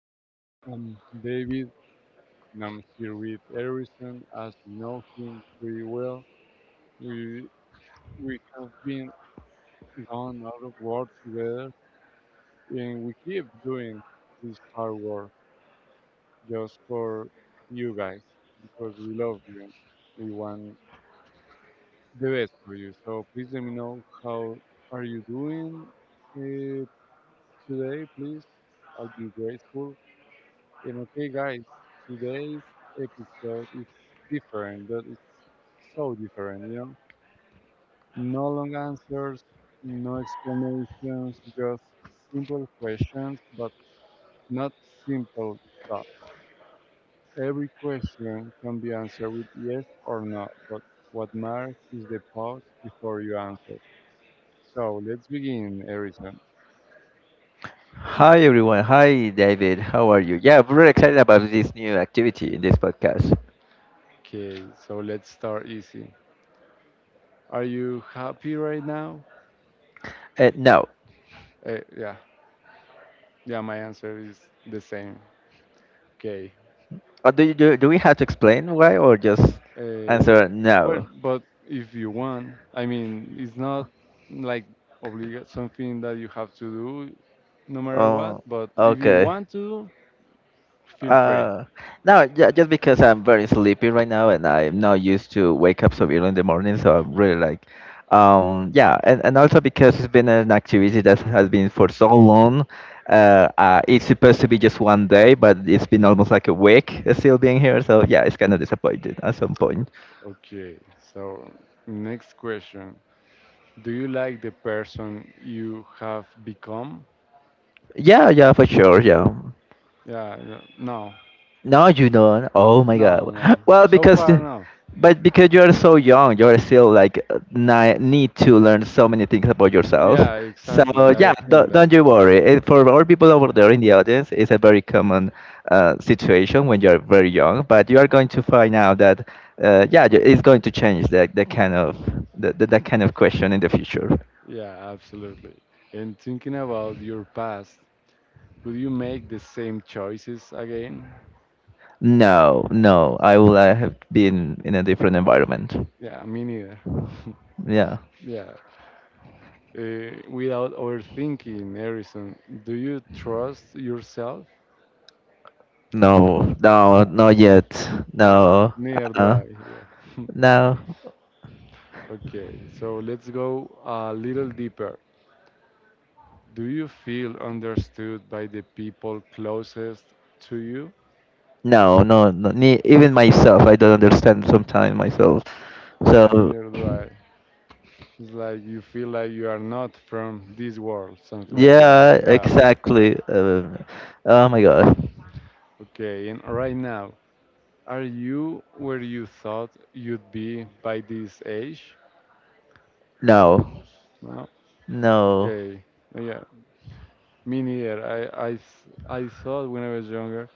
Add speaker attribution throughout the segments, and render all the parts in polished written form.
Speaker 1: again, I'm David and I'm here with Harrison. As you know him pretty well, we we have been done a lot of work together and we keep doing this hard work just for you guys because we love you and we want the best for you. So please let me know how are you doing. Uh, Today, please, I'll be grateful. And okay, guys, today's episode is different, but it's so different, you know? No long answers, no explanations, just simple questions, but not simple thoughts. Every question can be answered with yes or no, but what matters is the pause before you answer. So let's begin, Harrison.
Speaker 2: Hi everyone. Hi David. How are you? Yeah, we're really excited about this new activity in this podcast.
Speaker 1: Okay, so let's start easy. Are you happy right now?
Speaker 2: Uh, now,
Speaker 1: Yeah, yeah, my answer is the same. Okay.
Speaker 2: do, you, do do we have to explain why or just
Speaker 1: Uh,
Speaker 2: answer
Speaker 1: well,
Speaker 2: no?
Speaker 1: but if you want, I mean, it's not like obliga something that you have to do no matter what,
Speaker 2: Oh,
Speaker 1: but if you
Speaker 2: okay.
Speaker 1: want to, feel free.
Speaker 2: Uh, no, just because I'm very sleepy right now and I'm not used to wake up so early in the morning, so I'm really like, yeah, and also because it's been an activity that has been for so long. It's supposed to be just one day, but it's been almost like a week still being here, so yeah, it's kind of disappointed at some point.
Speaker 1: Okay, so next question. Do you like the person you have become?
Speaker 2: Yeah, yeah, for sure, yeah.
Speaker 1: Yeah, no,
Speaker 2: No, you don't. Oh my God.
Speaker 1: no, no, no.
Speaker 2: Well,
Speaker 1: So far, no.
Speaker 2: but because you're so young, you're still like need to learn so many things about yourself.
Speaker 1: Yeah,
Speaker 2: So
Speaker 1: exactly. I
Speaker 2: yeah,
Speaker 1: think
Speaker 2: don't
Speaker 1: that.
Speaker 2: you worry. It, for all people over there in the audience, it's a very common situation when you're very young. But you are going to find out that yeah, it's going to change that the kind of that kind of question in the future.
Speaker 1: Yeah, absolutely. And thinking about your past, would you make the same choices again?
Speaker 2: No, no, I will have been in a different environment.
Speaker 1: Yeah, me neither.
Speaker 2: Yeah.
Speaker 1: Yeah. Without overthinking, Harrison, do you trust yourself?
Speaker 2: No, no,
Speaker 1: Uh,
Speaker 2: not yet.
Speaker 1: uh,
Speaker 2: No,
Speaker 1: Neither do
Speaker 2: uh,
Speaker 1: I. Yeah.
Speaker 2: no,
Speaker 1: Okay, so let's go a little deeper. Do you feel understood by the people closest to you?
Speaker 2: no, no, no. Ne Even myself, I don't understand sometimes
Speaker 1: Yeah.
Speaker 2: myself.
Speaker 1: Yeah,
Speaker 2: So,
Speaker 1: neither do I. It's like you feel like you are not from this world, something like that.
Speaker 2: yeah,
Speaker 1: Yeah.
Speaker 2: exactly. Oh my God.
Speaker 1: Okay. And right now, are you where you thought you'd be by this age?
Speaker 2: No,
Speaker 1: No.
Speaker 2: no,
Speaker 1: Okay. Yeah. Me neither. I thought when I was younger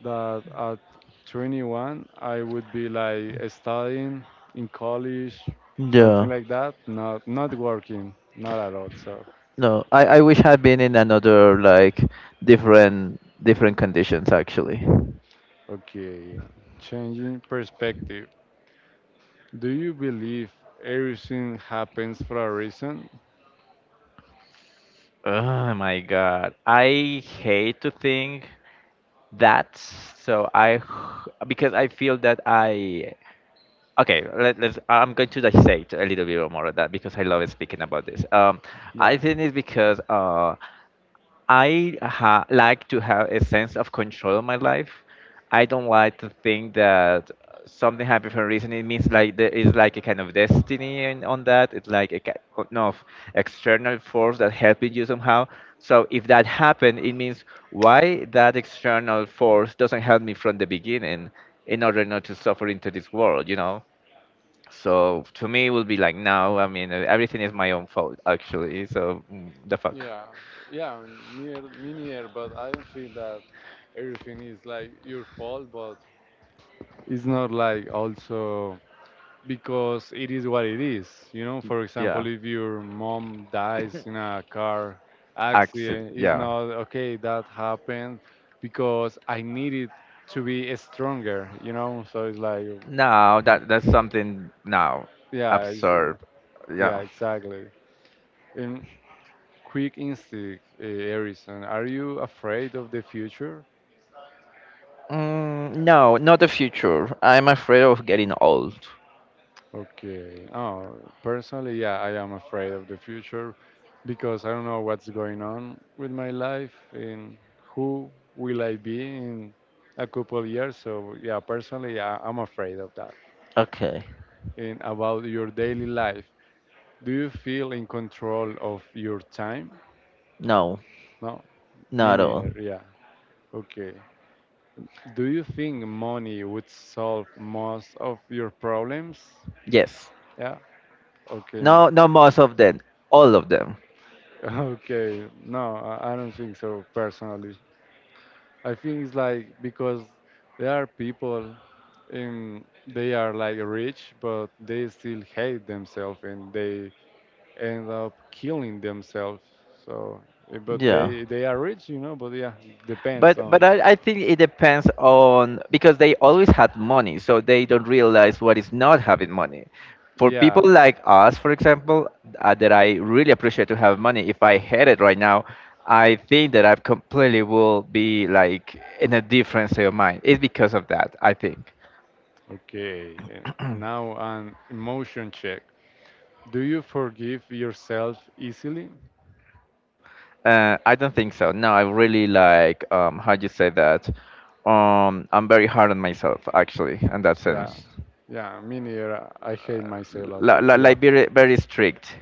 Speaker 1: that at 21 I would be like studying in college, something
Speaker 2: no,
Speaker 1: like that. Not not working, not at all. So
Speaker 2: no. I wish I'd been in another, like, different conditions, actually.
Speaker 1: okay, changing perspective. Do you believe everything happens for a reason?
Speaker 2: Oh my god. I hate to think That so I because I feel that I Okay let's I'm going to dissect a little bit more of that because I love speaking about this. I
Speaker 1: Yeah.
Speaker 2: think it's because I like to have a sense of control in my life. I don't like to think that something happened for a reason. It means like there is like a kind of destiny on that. It's like a kind of no, external force that helping you somehow. So if that happened, it means why that external force doesn't help me from the beginning in order not to suffer into this world, you know? So to me, it would be like no. I mean, everything is my own fault actually. So the fuck,
Speaker 1: Yeah, yeah, near, me neither, but I don't feel that everything is like your fault, but it's not like also because it is what it is. You know, for
Speaker 2: yeah.
Speaker 1: example, if your mom dies in a car
Speaker 2: Accident,
Speaker 1: accident, it's
Speaker 2: yeah.
Speaker 1: not okay that happened because I needed to be stronger, you know? So it's like,
Speaker 2: No, that that's something now
Speaker 1: yeah,
Speaker 2: absurd.
Speaker 1: yeah,
Speaker 2: Yeah.
Speaker 1: exactly. And quick instinct, Harrison. Are you afraid of the future?
Speaker 2: No, not the future. I'm afraid of getting old.
Speaker 1: Okay. Oh, personally, yeah, I am afraid of the future because I don't know what's going on with my life and who will I be in a couple of years. So, yeah, personally, I'm afraid of that.
Speaker 2: Okay.
Speaker 1: And about your daily life, do you feel in control of your time?
Speaker 2: No,
Speaker 1: No, me
Speaker 2: not all.
Speaker 1: neither. Yeah. Okay. Do you think money would solve most of your problems?
Speaker 2: Yes.
Speaker 1: Yeah. Okay,
Speaker 2: No,
Speaker 1: no.
Speaker 2: not most of them. All of them.
Speaker 1: Okay. No, I don't think so personally. I think it's like because there are people and they are like rich, but they still hate themselves and they end up killing themselves. So, eh, but
Speaker 2: Yeah.
Speaker 1: they are rich, you know. But yeah, depends
Speaker 2: But but
Speaker 1: on.
Speaker 2: I, I think it depends on because they always had money, so they don't realize what is not having money. For
Speaker 1: Yeah.
Speaker 2: people like us, for example, that I really appreciate to have money. If I had it right now, I think that I completely will be like in a different state of mind. It's because of that, I think.
Speaker 1: Okay. Eh, now an emotion check. Do you forgive yourself easily?
Speaker 2: I don't think so. No, I really like how you say that. I'm very hard on myself actually, in that
Speaker 1: Yeah,
Speaker 2: sense.
Speaker 1: yeah, me neither. I hate myself as well. Yeah,
Speaker 2: Like very strict.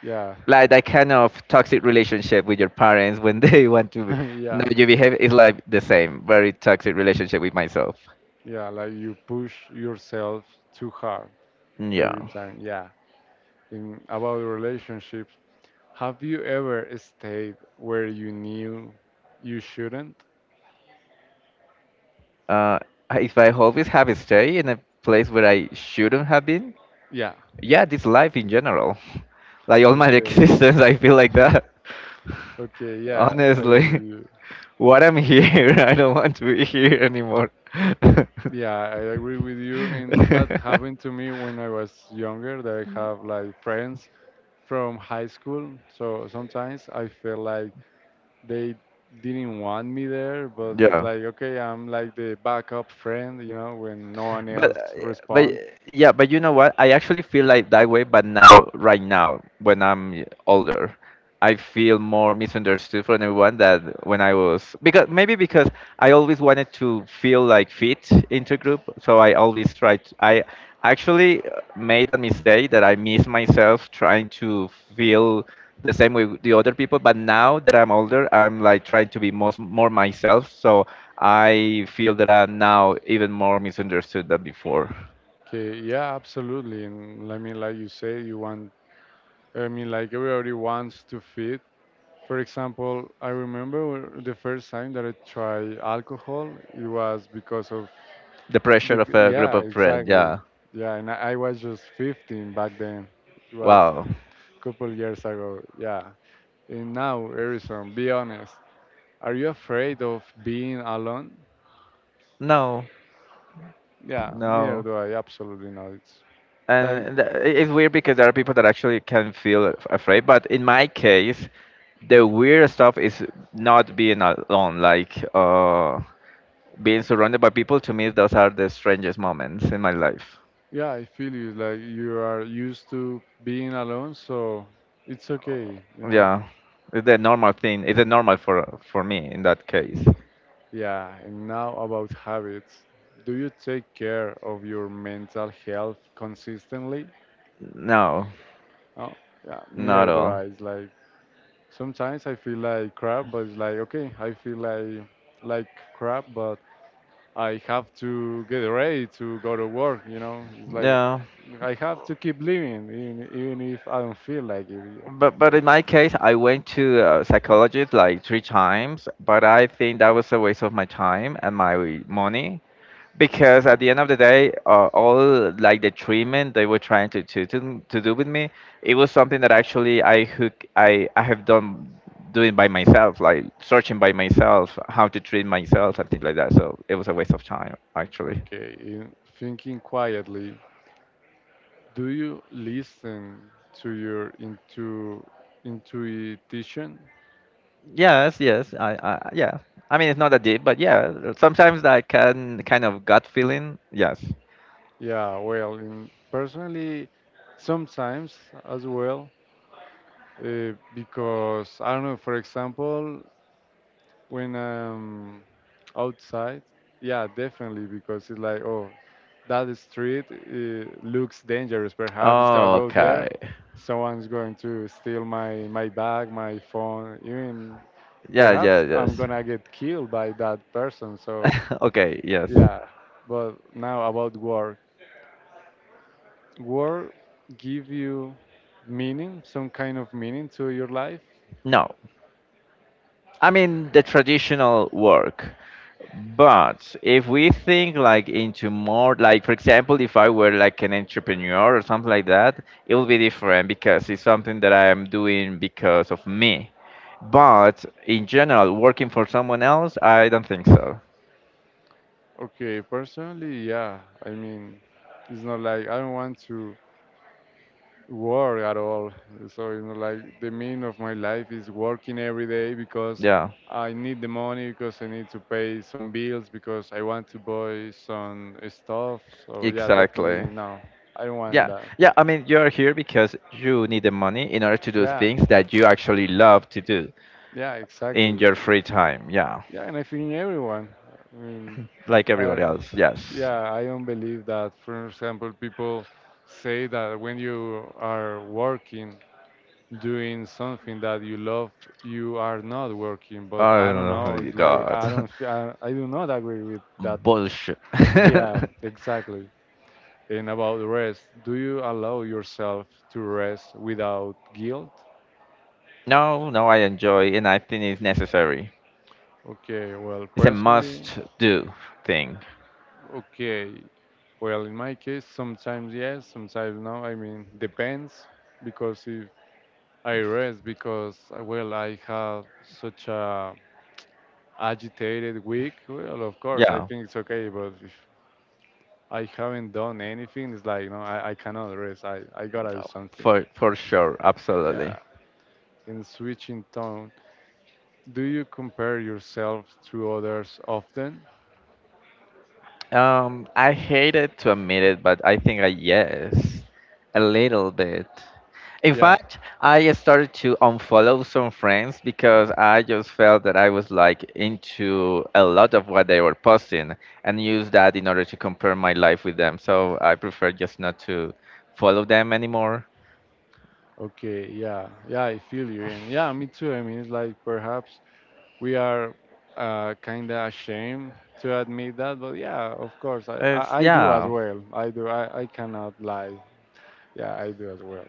Speaker 1: yeah,
Speaker 2: Like that kind of toxic relationship with your parents when they want to know
Speaker 1: yeah,
Speaker 2: you behave is like the same very toxic relationship with myself.
Speaker 1: yeah. Like you push yourself too hard
Speaker 2: Yeah,
Speaker 1: every time. Yeah. In about relationships, have you ever stayed where you knew you shouldn't?
Speaker 2: uh if I always have stay in a place where I shouldn't have been,
Speaker 1: Yeah.
Speaker 2: yeah, this life in general, like all my
Speaker 1: Okay.
Speaker 2: existence I feel like that,
Speaker 1: Okay. Yeah, I agree
Speaker 2: honestly.
Speaker 1: with you.
Speaker 2: What I'm here, I don't want to be here anymore.
Speaker 1: Yeah, I agree with you. And that happened to me when I was younger. That I have like friends from high school. So sometimes I feel like they didn't want me there, but it's
Speaker 2: Yeah.
Speaker 1: like, okay, I'm like the backup friend, you know, when no one
Speaker 2: But
Speaker 1: else
Speaker 2: Yeah, but
Speaker 1: responds.
Speaker 2: yeah, but you know what? I actually feel like that way, but now, right now, when I'm older, I feel more misunderstood from everyone that when I was because maybe because I always wanted to feel like fit into group, so I always tried. I actually made that mistake that I miss myself trying to feel the same way with the other people. But now that I'm older, I'm like trying to be most more myself. So I feel that I'm now even more misunderstood than before.
Speaker 1: Okay, yeah, absolutely. And I mean, like you say, you want, I mean, like everybody wants to fit. For example, the first time that I tried alcohol, it was because of,
Speaker 2: The pressure of
Speaker 1: bec-
Speaker 2: a group
Speaker 1: yeah,
Speaker 2: of friends.
Speaker 1: exactly.
Speaker 2: Yeah.
Speaker 1: Yeah, and I was just 15 back then. It was
Speaker 2: Wow.
Speaker 1: a couple years ago. Yeah. And now, Harrison, be honest. Are you afraid of being alone?
Speaker 2: No.
Speaker 1: Yeah, neither
Speaker 2: No.
Speaker 1: do I. Absolutely not. It's like,
Speaker 2: It's weird because there are people that actually can feel afraid, but in my case the weird stuff is not being alone, like being surrounded by people. To me those are the strangest moments in my life.
Speaker 1: yeah, I feel you. Like you are used to being alone, so it's okay, you know.
Speaker 2: Yeah, it's the normal thing. It's a normal for me in that case.
Speaker 1: Yeah, and now about habits. Do you take care of your mental health consistently?
Speaker 2: No,
Speaker 1: Oh, yeah,
Speaker 2: not
Speaker 1: neither do
Speaker 2: all.
Speaker 1: I. It's like sometimes I feel like crap, but it's like okay, I feel like crap, but I have to get ready to go to work, you know. It's like
Speaker 2: Yeah,
Speaker 1: I have to keep living, even, even if I don't feel like it. You
Speaker 2: but
Speaker 1: so,
Speaker 2: in my case I went to a psychologist like three times, but I think that was a waste of my time and my money because at the end of the day, all like the treatment they were trying to, do with me, it was something that actually I hook I have done doing by myself, like searching by myself how to treat myself and things like that. So it was a waste of time actually.
Speaker 1: okay, in thinking quietly, do you listen to your intuition?
Speaker 2: Yes, yes, I yeah. I mean, it's not that deep, but yeah, sometimes that can kind of gut feeling. Yes.
Speaker 1: Yeah, well, in, personally, sometimes as well, because I don't know. For example, when outside, yeah, definitely, because it's like, oh, that street looks dangerous. Perhaps if I
Speaker 2: Oh,
Speaker 1: go there,
Speaker 2: okay.
Speaker 1: someone's going to steal my my bag, my phone. Even
Speaker 2: Yeah, yeah,
Speaker 1: perhaps I'm
Speaker 2: yes.
Speaker 1: gonna get killed by that person. So
Speaker 2: Okay, yes.
Speaker 1: yeah. But now about work, work give you meaning, some kind of meaning to your life.
Speaker 2: No, I mean the traditional work. But if we think like into more, like for example, if I were like an entrepreneur or something like that, it will be different because it's something that I am doing because of me. But in general, working for someone else, I don't think so.
Speaker 1: Okay, personally, yeah, I mean, it's not like I don't want to work at all. So, you know, like the meaning of my life is working every day because
Speaker 2: Yeah,
Speaker 1: I need the money, because I need to pay some bills, because I want to buy some stuff. So, yeah,
Speaker 2: exactly.
Speaker 1: definitely no, I don't want
Speaker 2: Yeah,
Speaker 1: that.
Speaker 2: yeah. I mean, you're here because you need the money in order to do
Speaker 1: Yeah,
Speaker 2: things that you actually love to do
Speaker 1: yeah,
Speaker 2: in
Speaker 1: exactly.
Speaker 2: your free time. Yeah,
Speaker 1: Yeah, and I think everyone. I mean,
Speaker 2: like
Speaker 1: uh,
Speaker 2: everybody else. Yes.
Speaker 1: yeah, I don't believe that, for example, people say that when you are working, doing something that you love, you are not working. But I don't know,
Speaker 2: Oh
Speaker 1: it's like,
Speaker 2: God.
Speaker 1: I don't f- I do not agree with that.
Speaker 2: Bullshit.
Speaker 1: Yeah, exactly. And about rest, do you allow yourself to rest without guilt?
Speaker 2: No, no, I enjoy and I think it's necessary.
Speaker 1: Okay, well,
Speaker 2: It's a
Speaker 1: personally,
Speaker 2: must do thing.
Speaker 1: okay, well, in my case, sometimes yes, sometimes no. I mean, depends, because if I rest because well, I have such a agitated week, well, of course, I
Speaker 2: Yeah,
Speaker 1: think it's okay. But if I haven't done anything, it's like, you know, I cannot rest. I gotta do something.
Speaker 2: for sure, absolutely.
Speaker 1: Yeah. In switching tone, do you compare yourself to others often?
Speaker 2: I hate it to admit it, but I think I yes, a little bit. In
Speaker 1: Yeah.
Speaker 2: fact, I started to unfollow some friends because I just felt that I was like into a lot of what they were posting and use that in order to compare my life with them. So I prefer just not to follow them anymore.
Speaker 1: Okay. Yeah. Yeah. I feel you. And yeah, me too. I mean, it's like perhaps we are kind of ashamed to admit that. But yeah, of course,
Speaker 2: It's
Speaker 1: I do as
Speaker 2: yeah.
Speaker 1: well. I do. I cannot lie. Yeah, I do as well.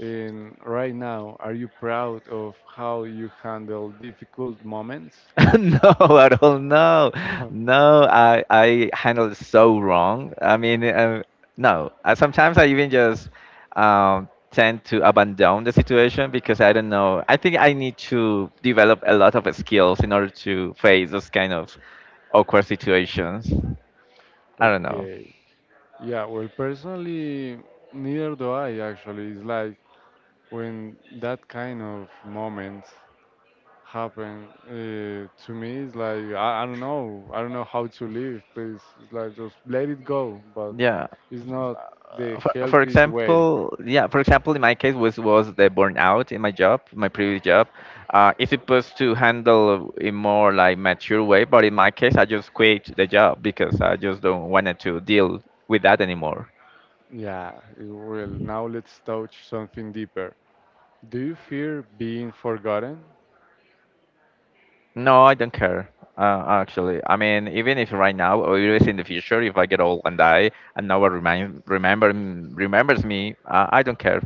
Speaker 1: And right now, are you proud of how you handle difficult moments?
Speaker 2: No, at all. No, no. I handle it so wrong. I mean, no. I, sometimes I even just tend to abandon the situation because I don't know. I think I need to develop a lot of skills in order to face those kind of awkward situations. I don't know.
Speaker 1: Okay. Yeah, well, personally, neither do I actually. It's like when that kind of moments happen to me, it's like I don't know. I don't know how to live, please. It's like just let it go, but
Speaker 2: Yeah.
Speaker 1: it's not the
Speaker 2: For
Speaker 1: healthiest way.
Speaker 2: example, yeah, for example in my case was the burnout in my job, my previous job. It's supposed to handle in more like mature way, but in my case I just quit the job because I just don't wanted to deal with that anymore.
Speaker 1: Yeah, well, now let's touch something deeper. Do you fear being forgotten?
Speaker 2: No, I don't care. Actually, I mean, even if right now or even in the future if I get old and die and no one remember remembers me I don't care,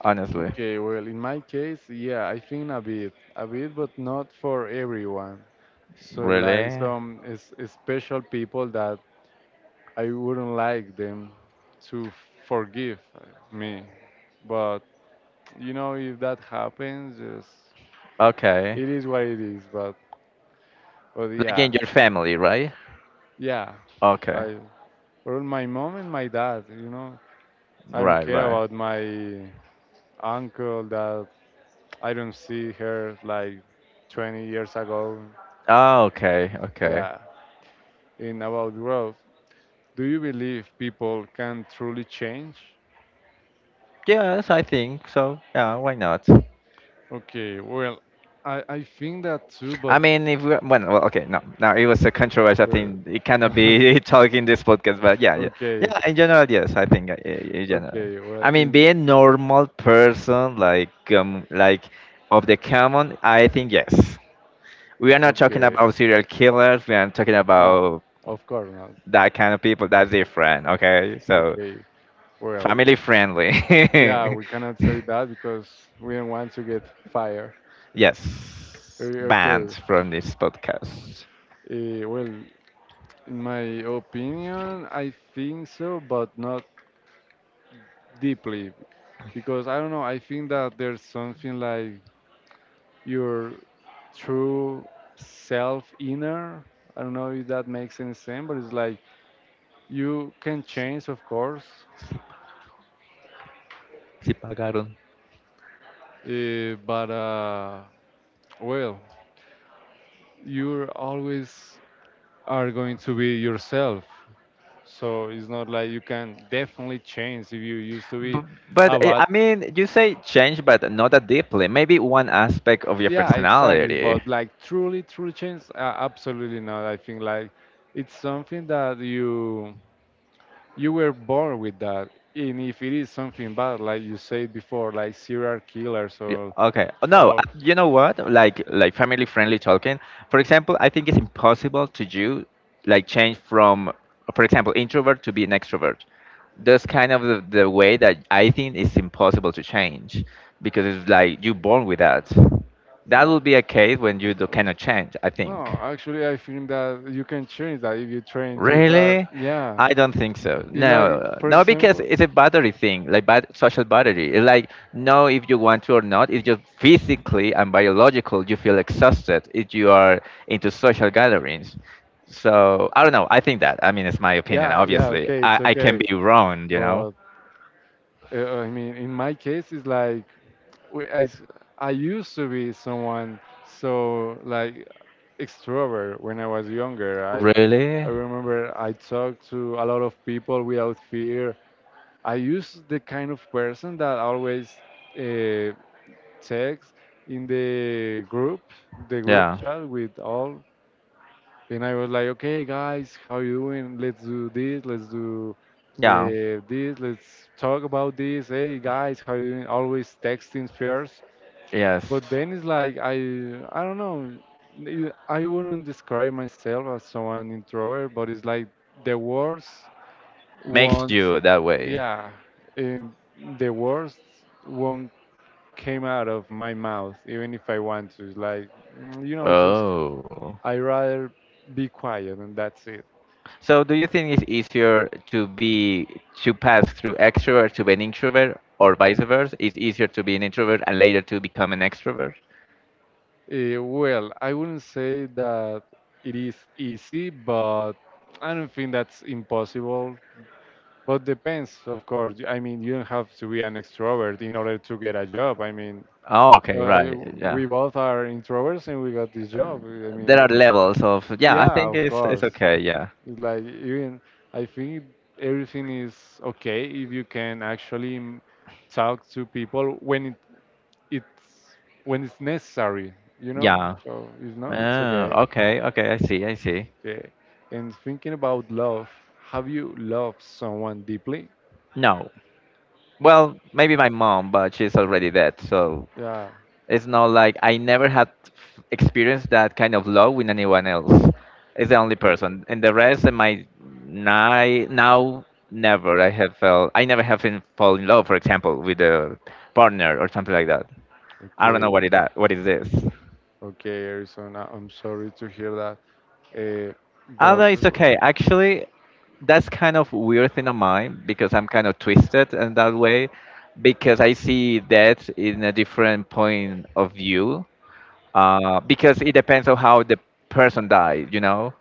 Speaker 2: honestly.
Speaker 1: Okay, well, in my case, yeah, I think a bit, but not for everyone. So, like
Speaker 2: Really.
Speaker 1: some is special people that I wouldn't like them to forgive me. But you know, if that happens, just
Speaker 2: Okay.
Speaker 1: it is what it is. But
Speaker 2: Like
Speaker 1: yeah,
Speaker 2: in your family, right.
Speaker 1: yeah,
Speaker 2: Okay.
Speaker 1: I or my mom and my dad. You know, I don't
Speaker 2: Right,
Speaker 1: care
Speaker 2: right.
Speaker 1: about my uncle that I don't see her like 20 years ago.
Speaker 2: Ah, okay, okay.
Speaker 1: Yeah. In about growth, do you believe people can truly change?
Speaker 2: Yes, I think so. Yeah, why not?
Speaker 1: Okay, well, I think that too,
Speaker 2: I
Speaker 1: but
Speaker 2: mean, if we, when, well, okay, no, no, it was a controversial thing. It cannot
Speaker 1: uh,
Speaker 2: be talking in this podcast, but yeah, yeah,
Speaker 1: okay,
Speaker 2: yeah. In general, yes, I think in general.
Speaker 1: okay, well,
Speaker 2: I mean, be a
Speaker 1: in
Speaker 2: normal person, like of the common. I think yes. We are not talking
Speaker 1: okay,
Speaker 2: about serial killers. We are talking
Speaker 1: no,
Speaker 2: about
Speaker 1: of course not.
Speaker 2: that kind of people. That's different. Okay, so
Speaker 1: Okay, well,
Speaker 2: family friendly.
Speaker 1: yeah, we cannot say that because we don't want to get fired.
Speaker 2: Yes, banned
Speaker 1: Okay,
Speaker 2: from this podcast.
Speaker 1: well, in my opinion, I think so, but not deeply, because I don't know. I think that there's something like your true self inner. I don't know if that makes any sense, but it's like you can change, of course,
Speaker 2: Si pagaron.
Speaker 1: but well, you always are going to be yourself. So it's not like you can definitely change if you used to be
Speaker 2: B- but
Speaker 1: a bad.
Speaker 2: I mean, you say change, but not that deeply. Maybe one aspect of your
Speaker 1: Yeah, exactly.
Speaker 2: personality.
Speaker 1: But like truly, truly change, absolutely not. I think like it's something that you were born with that, and if it is something bad like you said before like serial killers
Speaker 2: Yeah, or okay. Oh, no,
Speaker 1: or
Speaker 2: you know what? Like family friendly talking. For example, I think it's impossible to do like change from, for example, introvert to be an extrovert. That's kind of the way that I think it's impossible to change because it's like you're born with that. That
Speaker 1: no,
Speaker 2: will be a case when you do,
Speaker 1: uh,
Speaker 2: cannot change, I
Speaker 1: no,
Speaker 2: think.
Speaker 1: actually, I think that you can change that if you train too hard.
Speaker 2: Really?
Speaker 1: Yeah,
Speaker 2: I don't think so.
Speaker 1: it's
Speaker 2: No,
Speaker 1: like for
Speaker 2: no, because
Speaker 1: example,
Speaker 2: it's a battery thing, like social battery. It's like no, if you want to or not, it's just physically and biological. You feel exhausted if you are into social gatherings. So I don't know. I think that. I mean, it's my opinion.
Speaker 1: yeah, yeah,
Speaker 2: Obviously,
Speaker 1: okay, it's
Speaker 2: I can
Speaker 1: okay,
Speaker 2: be wrong. You know.
Speaker 1: but I mean, in my case, it's like, w- I, s- I used to be someone so like extrovert when I was younger. i
Speaker 2: Really?
Speaker 1: I remember I talked to a lot of people without fear. I used the kind of person that always uh, text in the group
Speaker 2: Yeah.
Speaker 1: chat with all, and I was like, okay, guys, how you doing? Let's do this. Let's do
Speaker 2: Yeah.
Speaker 1: this. Let's talk about this. Hey, guys, how you doing? Always texting first,
Speaker 2: Yes.
Speaker 1: but then it's like I don't know. I wouldn't describe myself as someone introvert, but it's like the worst
Speaker 2: Makes
Speaker 1: won't
Speaker 2: you that way.
Speaker 1: yeah and the words won't came out of my mouth even if I want to. It's like you
Speaker 2: Yeah.
Speaker 1: know just
Speaker 2: Oh.
Speaker 1: I rather be quiet and that's it.
Speaker 2: So do you think it's easier to be to pass through extrovert to be an introvert or vice versa? It's easier to be an introvert and later to become an extrovert?
Speaker 1: Well I wouldn't say that it is easy but I don't think that's impossible but depends of course. I mean you don't have to be an extrovert in order to get a job I mean
Speaker 2: Oh, okay,
Speaker 1: uh,
Speaker 2: right. Yeah.
Speaker 1: we both are introverts and we got this job I
Speaker 2: There
Speaker 1: mean
Speaker 2: are levels of yeah, I
Speaker 1: yeah
Speaker 2: think. Yeah,
Speaker 1: of
Speaker 2: it's
Speaker 1: course.
Speaker 2: okay, yeah.
Speaker 1: It's like even I think everything is okay if you can actually talk to people when it, it's when it's necessary, you know.
Speaker 2: Yeah.
Speaker 1: So if not, it's okay.
Speaker 2: Oh, okay, okay, I see, I see.
Speaker 1: Yeah. And thinking about love, have you loved someone deeply?
Speaker 2: No. Well, maybe my mom, but she's already dead, so
Speaker 1: Yeah.
Speaker 2: it's not like I never had experienced that kind of love with anyone else. It's the only
Speaker 1: Okay.
Speaker 2: person, and the rest of my now never I have felt I never have been fall in love, for example, with a partner or something like that. I don't know
Speaker 1: Okay.
Speaker 2: what is this.
Speaker 1: Okay, Arizona. I'm sorry to hear that. Uh,
Speaker 2: I do know.
Speaker 1: but
Speaker 2: It's
Speaker 1: well,
Speaker 2: okay. Actually, that's kind of weird thing of mine because I'm kind of twisted in that way because I see that in a different point of view because it depends on how the person died. You know,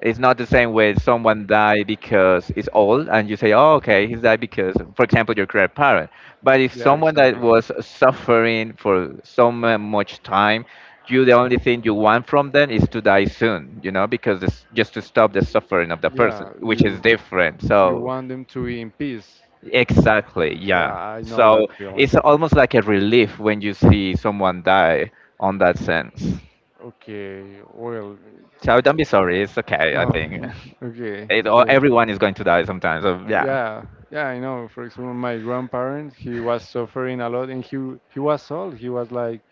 Speaker 2: it's not the same way someone died because it's old, and you say, "Oh, okay, he's died because, for example, your grandparent." But if
Speaker 1: yeah,
Speaker 2: someone that
Speaker 1: exactly.
Speaker 2: was suffering for much time, you the only thing you want from them is to die soon. You know, because it's just to stop the suffering of the person,
Speaker 1: Yeah,
Speaker 2: which is
Speaker 1: you
Speaker 2: different.
Speaker 1: you
Speaker 2: So
Speaker 1: want them to be in peace.
Speaker 2: exactly,
Speaker 1: Yeah,
Speaker 2: yeah.
Speaker 1: I know that
Speaker 2: So it's
Speaker 1: feeling.
Speaker 2: almost like a relief when you see someone die on that sense.
Speaker 1: Okay, well,
Speaker 2: So don't be sorry. It's okay. I
Speaker 1: no,
Speaker 2: think
Speaker 1: okay,
Speaker 2: it, or
Speaker 1: well,
Speaker 2: everyone is going to die sometimes. So yeah.
Speaker 1: yeah, yeah, I know. For example, my grandparents, he was suffering a lot, and he was old. He was like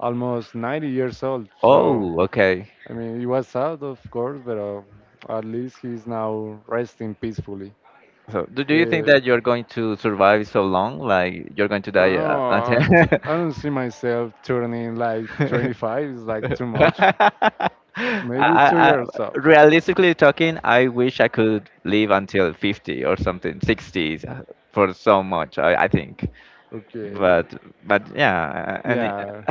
Speaker 1: almost 90 years old. So
Speaker 2: Oh, okay.
Speaker 1: I mean, he was sad, of course, but at least he's now resting peacefully.
Speaker 2: So do you think
Speaker 1: Uh,
Speaker 2: that you're going to survive so long? Like you're going to die until?
Speaker 1: no, I don't see myself turning like 25. It's like too much.
Speaker 2: I,
Speaker 1: Maybe two
Speaker 2: I,
Speaker 1: years up.
Speaker 2: realistically talking, I wish I could live until 50 or something, 60 for so much, I think.
Speaker 1: Okay,
Speaker 2: But but yeah, and
Speaker 1: yeah,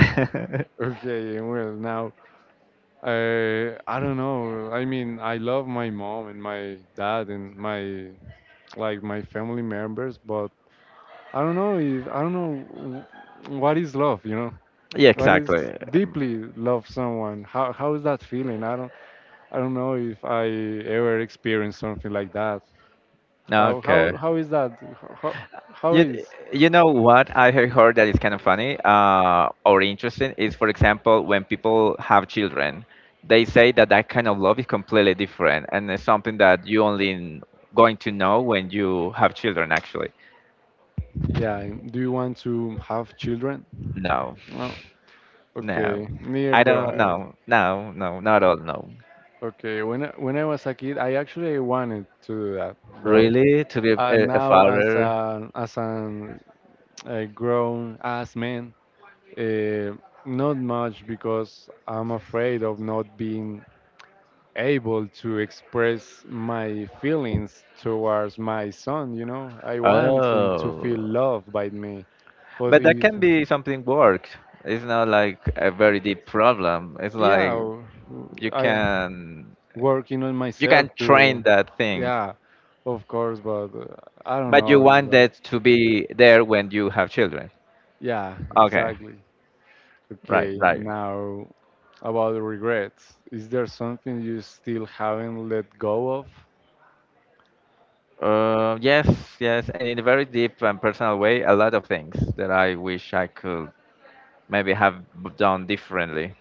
Speaker 1: okay, well now. I don't know. I mean, I love my mom and my dad and my like my family members, but I don't know if I don't know what is love, you know?
Speaker 2: yeah,
Speaker 1: What is
Speaker 2: exactly.
Speaker 1: deeply love someone? How is that feeling? I don't know if I ever experienced something like that. How
Speaker 2: Okay.
Speaker 1: how how is that? How how
Speaker 2: You,
Speaker 1: is?
Speaker 2: you know what I have heard that is kind of funny or interesting is, for example, when people have children, they say that that kind of love is completely different and it's something that you only going to know when you have children, actually.
Speaker 1: Yeah, do you want to have children?
Speaker 2: No,
Speaker 1: No.
Speaker 2: no.
Speaker 1: Okay,
Speaker 2: I
Speaker 1: neither do
Speaker 2: don't
Speaker 1: I.
Speaker 2: know. No, no, not all, no.
Speaker 1: Okay, when when I was a kid, I actually wanted to do that, but
Speaker 2: Really? To be a
Speaker 1: now
Speaker 2: father?
Speaker 1: as an a grown ass man, uh, not much because I'm afraid of not being able to express my feelings towards my son. You know, I want him to feel
Speaker 2: Oh,
Speaker 1: loved by me, but
Speaker 2: but that
Speaker 1: if
Speaker 2: can be something work. It's not like a very deep problem. It's like
Speaker 1: yeah,
Speaker 2: you
Speaker 1: I
Speaker 2: can
Speaker 1: working on
Speaker 2: you
Speaker 1: myself
Speaker 2: can train
Speaker 1: to
Speaker 2: that thing,
Speaker 1: yeah, of course, but I don't
Speaker 2: but you
Speaker 1: know. It's
Speaker 2: want
Speaker 1: like,
Speaker 2: that to be there when you have children.
Speaker 1: yeah,
Speaker 2: Okay,
Speaker 1: exactly.
Speaker 2: right,
Speaker 1: Okay,
Speaker 2: right.
Speaker 1: now about regrets. Is there something you still haven't let go of?
Speaker 2: Yes, yes, and in a very deep and personal way, a lot of things that I wish I could maybe have done differently.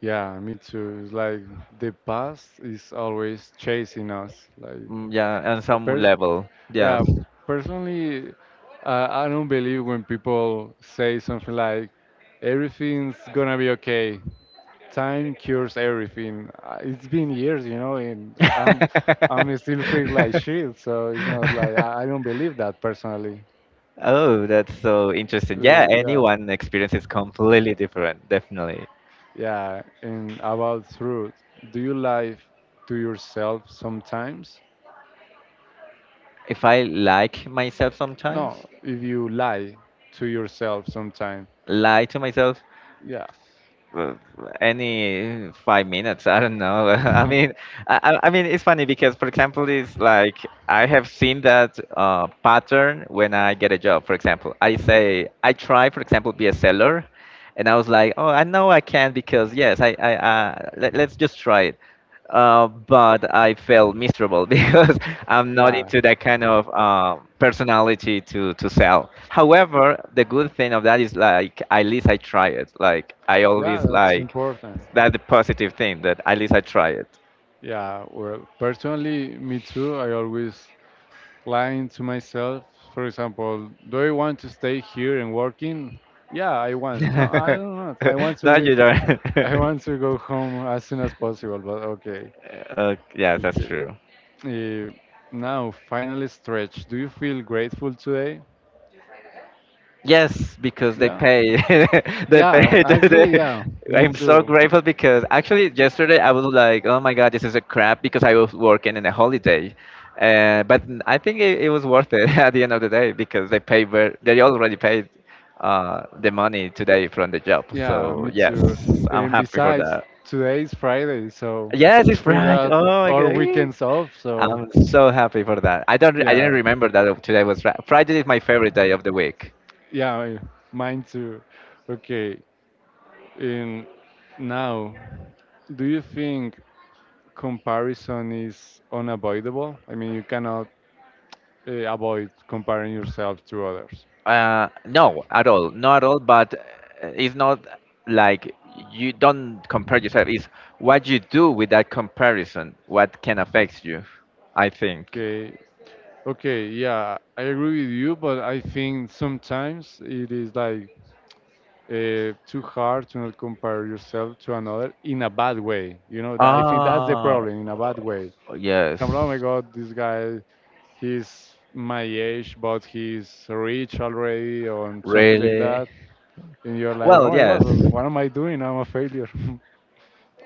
Speaker 1: Yeah, me too. It's like the past is always chasing us. Like,
Speaker 2: Mm, yeah, on
Speaker 1: a
Speaker 2: some
Speaker 1: pers-
Speaker 2: level, yes.
Speaker 1: yeah, personally, I don't believe when people say something like, everything's gonna be okay. Time cures everything. It's been years, you know, and I'm still feel like shit. So it's not like I don't believe that personally.
Speaker 2: Oh, that's so interesting. Yeah,
Speaker 1: Yeah,
Speaker 2: anyone experience is completely different, definitely.
Speaker 1: yeah. And about truth, do you lie to yourself sometimes?
Speaker 2: If I like myself sometimes,
Speaker 1: No, if you lie to yourself sometimes,
Speaker 2: lie to myself
Speaker 1: yeah,
Speaker 2: uh, any 5 minutes, I don't know. I mean, I mean, it's funny because, for example, it's like I have seen that pattern when I get a job. For example, I say I try, for example, be a seller, and I was like, oh, I know I can because yes, let's just try it. But I felt miserable because I'm not
Speaker 1: yeah,
Speaker 2: into that kind of personality to sell. However, the good thing of that is like at least I try it. Like I
Speaker 1: yeah,
Speaker 2: always
Speaker 1: that's
Speaker 2: like
Speaker 1: important.
Speaker 2: that's the positive thing that at least I try it.
Speaker 1: Yeah, well, personally, me too. I always lying to myself. For example, do I want to stay here and working? Yeah, I want. No, I don't want. I want to
Speaker 2: No, you
Speaker 1: get,
Speaker 2: don't.
Speaker 1: I want to go home as soon as possible. But okay,
Speaker 2: Yes, that's
Speaker 1: okay.
Speaker 2: true.
Speaker 1: Eh, now, final stretch. Do you feel grateful today?
Speaker 2: Yes, because they
Speaker 1: Yeah.
Speaker 2: pay. They
Speaker 1: Yeah,
Speaker 2: pay
Speaker 1: actually,
Speaker 2: today.
Speaker 1: yeah. Me
Speaker 2: I'm so
Speaker 1: too.
Speaker 2: grateful because actually yesterday I was like, oh my God, this is a crap because I was working in a holiday. But I think it was worth it at the end of the day because they pay ver they already paid the money today from the job.
Speaker 1: Yeah,
Speaker 2: So
Speaker 1: me
Speaker 2: yes,
Speaker 1: too.
Speaker 2: I'm
Speaker 1: And
Speaker 2: happy for
Speaker 1: besides,
Speaker 2: that.
Speaker 1: today is Friday, so
Speaker 2: Yes, it's
Speaker 1: we
Speaker 2: right.
Speaker 1: got
Speaker 2: Oh my
Speaker 1: our
Speaker 2: God.
Speaker 1: weekends off. So
Speaker 2: I'm so happy for that. I don't. I didn't
Speaker 1: yeah,
Speaker 2: remember that today was Friday is my favorite day of the week.
Speaker 1: yeah, mine too. Okay, and now, do you think comparison is unavoidable? I mean, you cannot avoid comparing yourself to others.
Speaker 2: No, at all, not at all. But it's not like you don't compare yourself. It's what you do with that comparison. What can affect you, I think.
Speaker 1: Okay, okay, yeah, I agree with you, but I think sometimes it is like too hard to not compare yourself to another in a bad way. You know, I think that's the
Speaker 2: Ah,
Speaker 1: problem in a bad way.
Speaker 2: yes,
Speaker 1: Some, oh my God, this guy, he's my age, but he's rich already, or something like
Speaker 2: really.
Speaker 1: that. And you're like, oh
Speaker 2: Well,
Speaker 1: my
Speaker 2: yes,
Speaker 1: God, what am I doing? I'm a failure.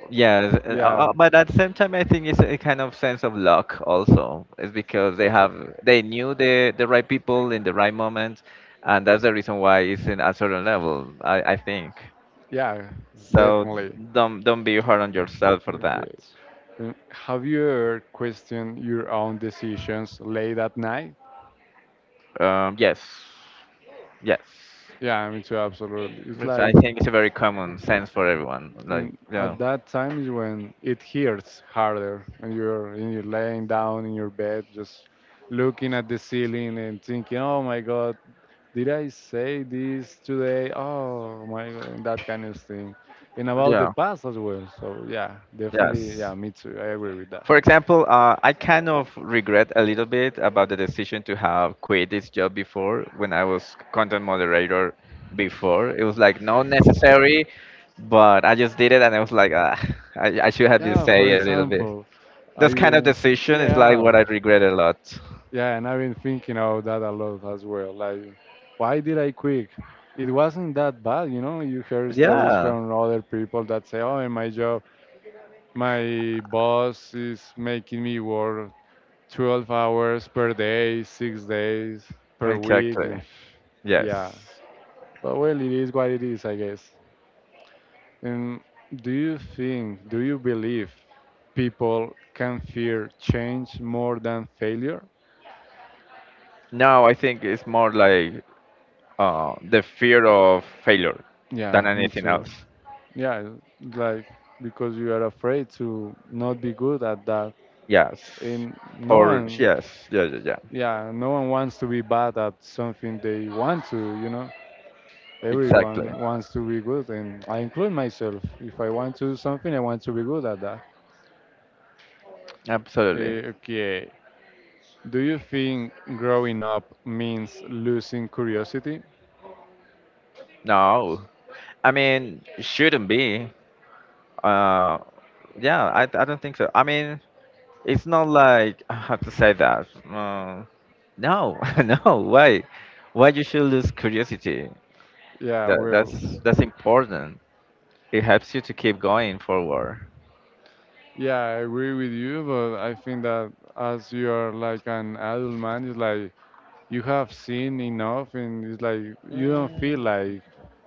Speaker 2: yes.
Speaker 1: yeah,
Speaker 2: But at the same time, I think it's a kind of sense of luck also. It's because they have they knew the right people in the right moment, and that's the reason why it's in a certain level. I think.
Speaker 1: yeah,
Speaker 2: So
Speaker 1: definitely.
Speaker 2: don't be hard on yourself for that.
Speaker 1: Okay. Have you ever questioned your own decisions late at night?
Speaker 2: Yes, yes.
Speaker 1: Yeah, I mean, too, absolutely. It's
Speaker 2: Which I
Speaker 1: like
Speaker 2: think it's a very common sense for everyone. Like
Speaker 1: and
Speaker 2: yeah,
Speaker 1: at that time is when it hurts harder, and you're laying down in your bed, just looking at the ceiling and thinking, "Oh my God, did I say this today? Oh my God," and that kind of thing. And about the
Speaker 2: yeah,
Speaker 1: past as well. So yeah, definitely,
Speaker 2: yes.
Speaker 1: yeah, me too. I agree with that.
Speaker 2: For example, I kind of regret a little bit about the decision to have quit this job before when I was content moderator before. It was like not necessary, but I just did it and I was like, ah, I should have been
Speaker 1: Yeah, for
Speaker 2: say a little bit.
Speaker 1: example, I
Speaker 2: Those kind of
Speaker 1: even
Speaker 2: decision is like
Speaker 1: yeah.
Speaker 2: what I regret a lot.
Speaker 1: Yeah, and I've been thinking of that a lot as well. Like, why did I quit? It wasn't that bad, you know. You hear stories
Speaker 2: Yeah,
Speaker 1: from other people that say, "Oh, in my job, my boss is making me work 12 hours per day, 6 days per week."
Speaker 2: exactly.
Speaker 1: And
Speaker 2: Yes.
Speaker 1: yeah, but well, it is what it is, I guess. And do you believe people can fear change more than failure?
Speaker 2: No, I think it's more like the fear of failure than
Speaker 1: Yeah, me
Speaker 2: anything
Speaker 1: too.
Speaker 2: else.
Speaker 1: Yeah, like because you are afraid to not be good at that.
Speaker 2: Yes.
Speaker 1: And no
Speaker 2: Or
Speaker 1: one,
Speaker 2: yes, yeah.
Speaker 1: yeah, no one wants to be bad at something they want to, you know.
Speaker 2: Exactly.
Speaker 1: Everyone wants to be good, and I include myself. If I want to do something, I want to be good at that.
Speaker 2: Absolutely.
Speaker 1: Okay. Do you think growing up means losing curiosity?
Speaker 2: No. I mean, shouldn't be. Uh, yeah, I don't think so. I mean, it's not like I have to say that. No, no. Why? Why you should lose curiosity?
Speaker 1: Yeah, well,
Speaker 2: That's important. It helps you to keep going forward.
Speaker 1: yeah, I agree with you, but I think that as you are like an adult man, it's like you have seen enough and it's like you don't feel
Speaker 2: Mm,
Speaker 1: like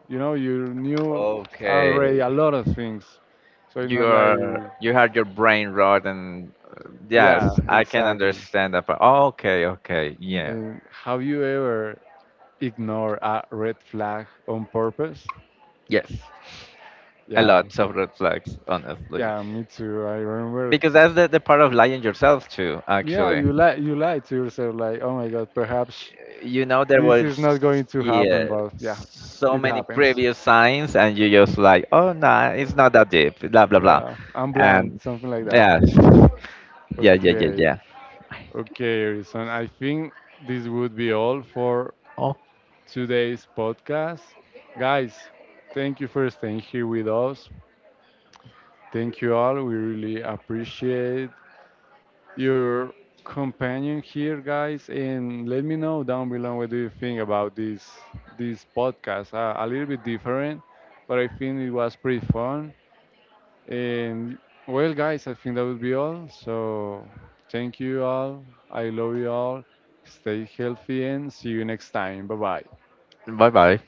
Speaker 1: you know you knew already
Speaker 2: okay.
Speaker 1: a lot of things so you know
Speaker 2: You
Speaker 1: like
Speaker 2: are you had your brain rot and
Speaker 1: yeah
Speaker 2: yes, I can
Speaker 1: exactly.
Speaker 2: understand that. Part. Okay, okay, yeah,
Speaker 1: And have you ever ignored a red flag on purpose?
Speaker 2: yes, a
Speaker 1: Yeah,
Speaker 2: lot of red flags, honestly,
Speaker 1: yeah, me too, I remember.
Speaker 2: because that's the part of lying yourself too.
Speaker 1: Yeah,
Speaker 2: Actually,
Speaker 1: you lie to yourself like oh my God, perhaps
Speaker 2: you know there
Speaker 1: this
Speaker 2: was
Speaker 1: is not going to happen
Speaker 2: yeah
Speaker 1: but yeah
Speaker 2: so
Speaker 1: it
Speaker 2: many
Speaker 1: happens.
Speaker 2: previous signs, and you just like oh no, nah, it's not that deep, blah blah blah,
Speaker 1: Yeah, I'm blind,
Speaker 2: and
Speaker 1: something like that.
Speaker 2: yeah,
Speaker 1: Okay.
Speaker 2: yeah.
Speaker 1: Okay, Erison, I think this would be all for
Speaker 2: 哦，
Speaker 1: today's podcast. Guys, thank you for staying here with us. Thank you all. We really appreciate your companion here, guys. And let me know down below what do you think about this this podcast. A little bit different, but I think it was pretty fun. And well, guys, I think that would be all. So thank you all. I love you all. Stay healthy and see you next time. Bye bye.
Speaker 2: 拜拜。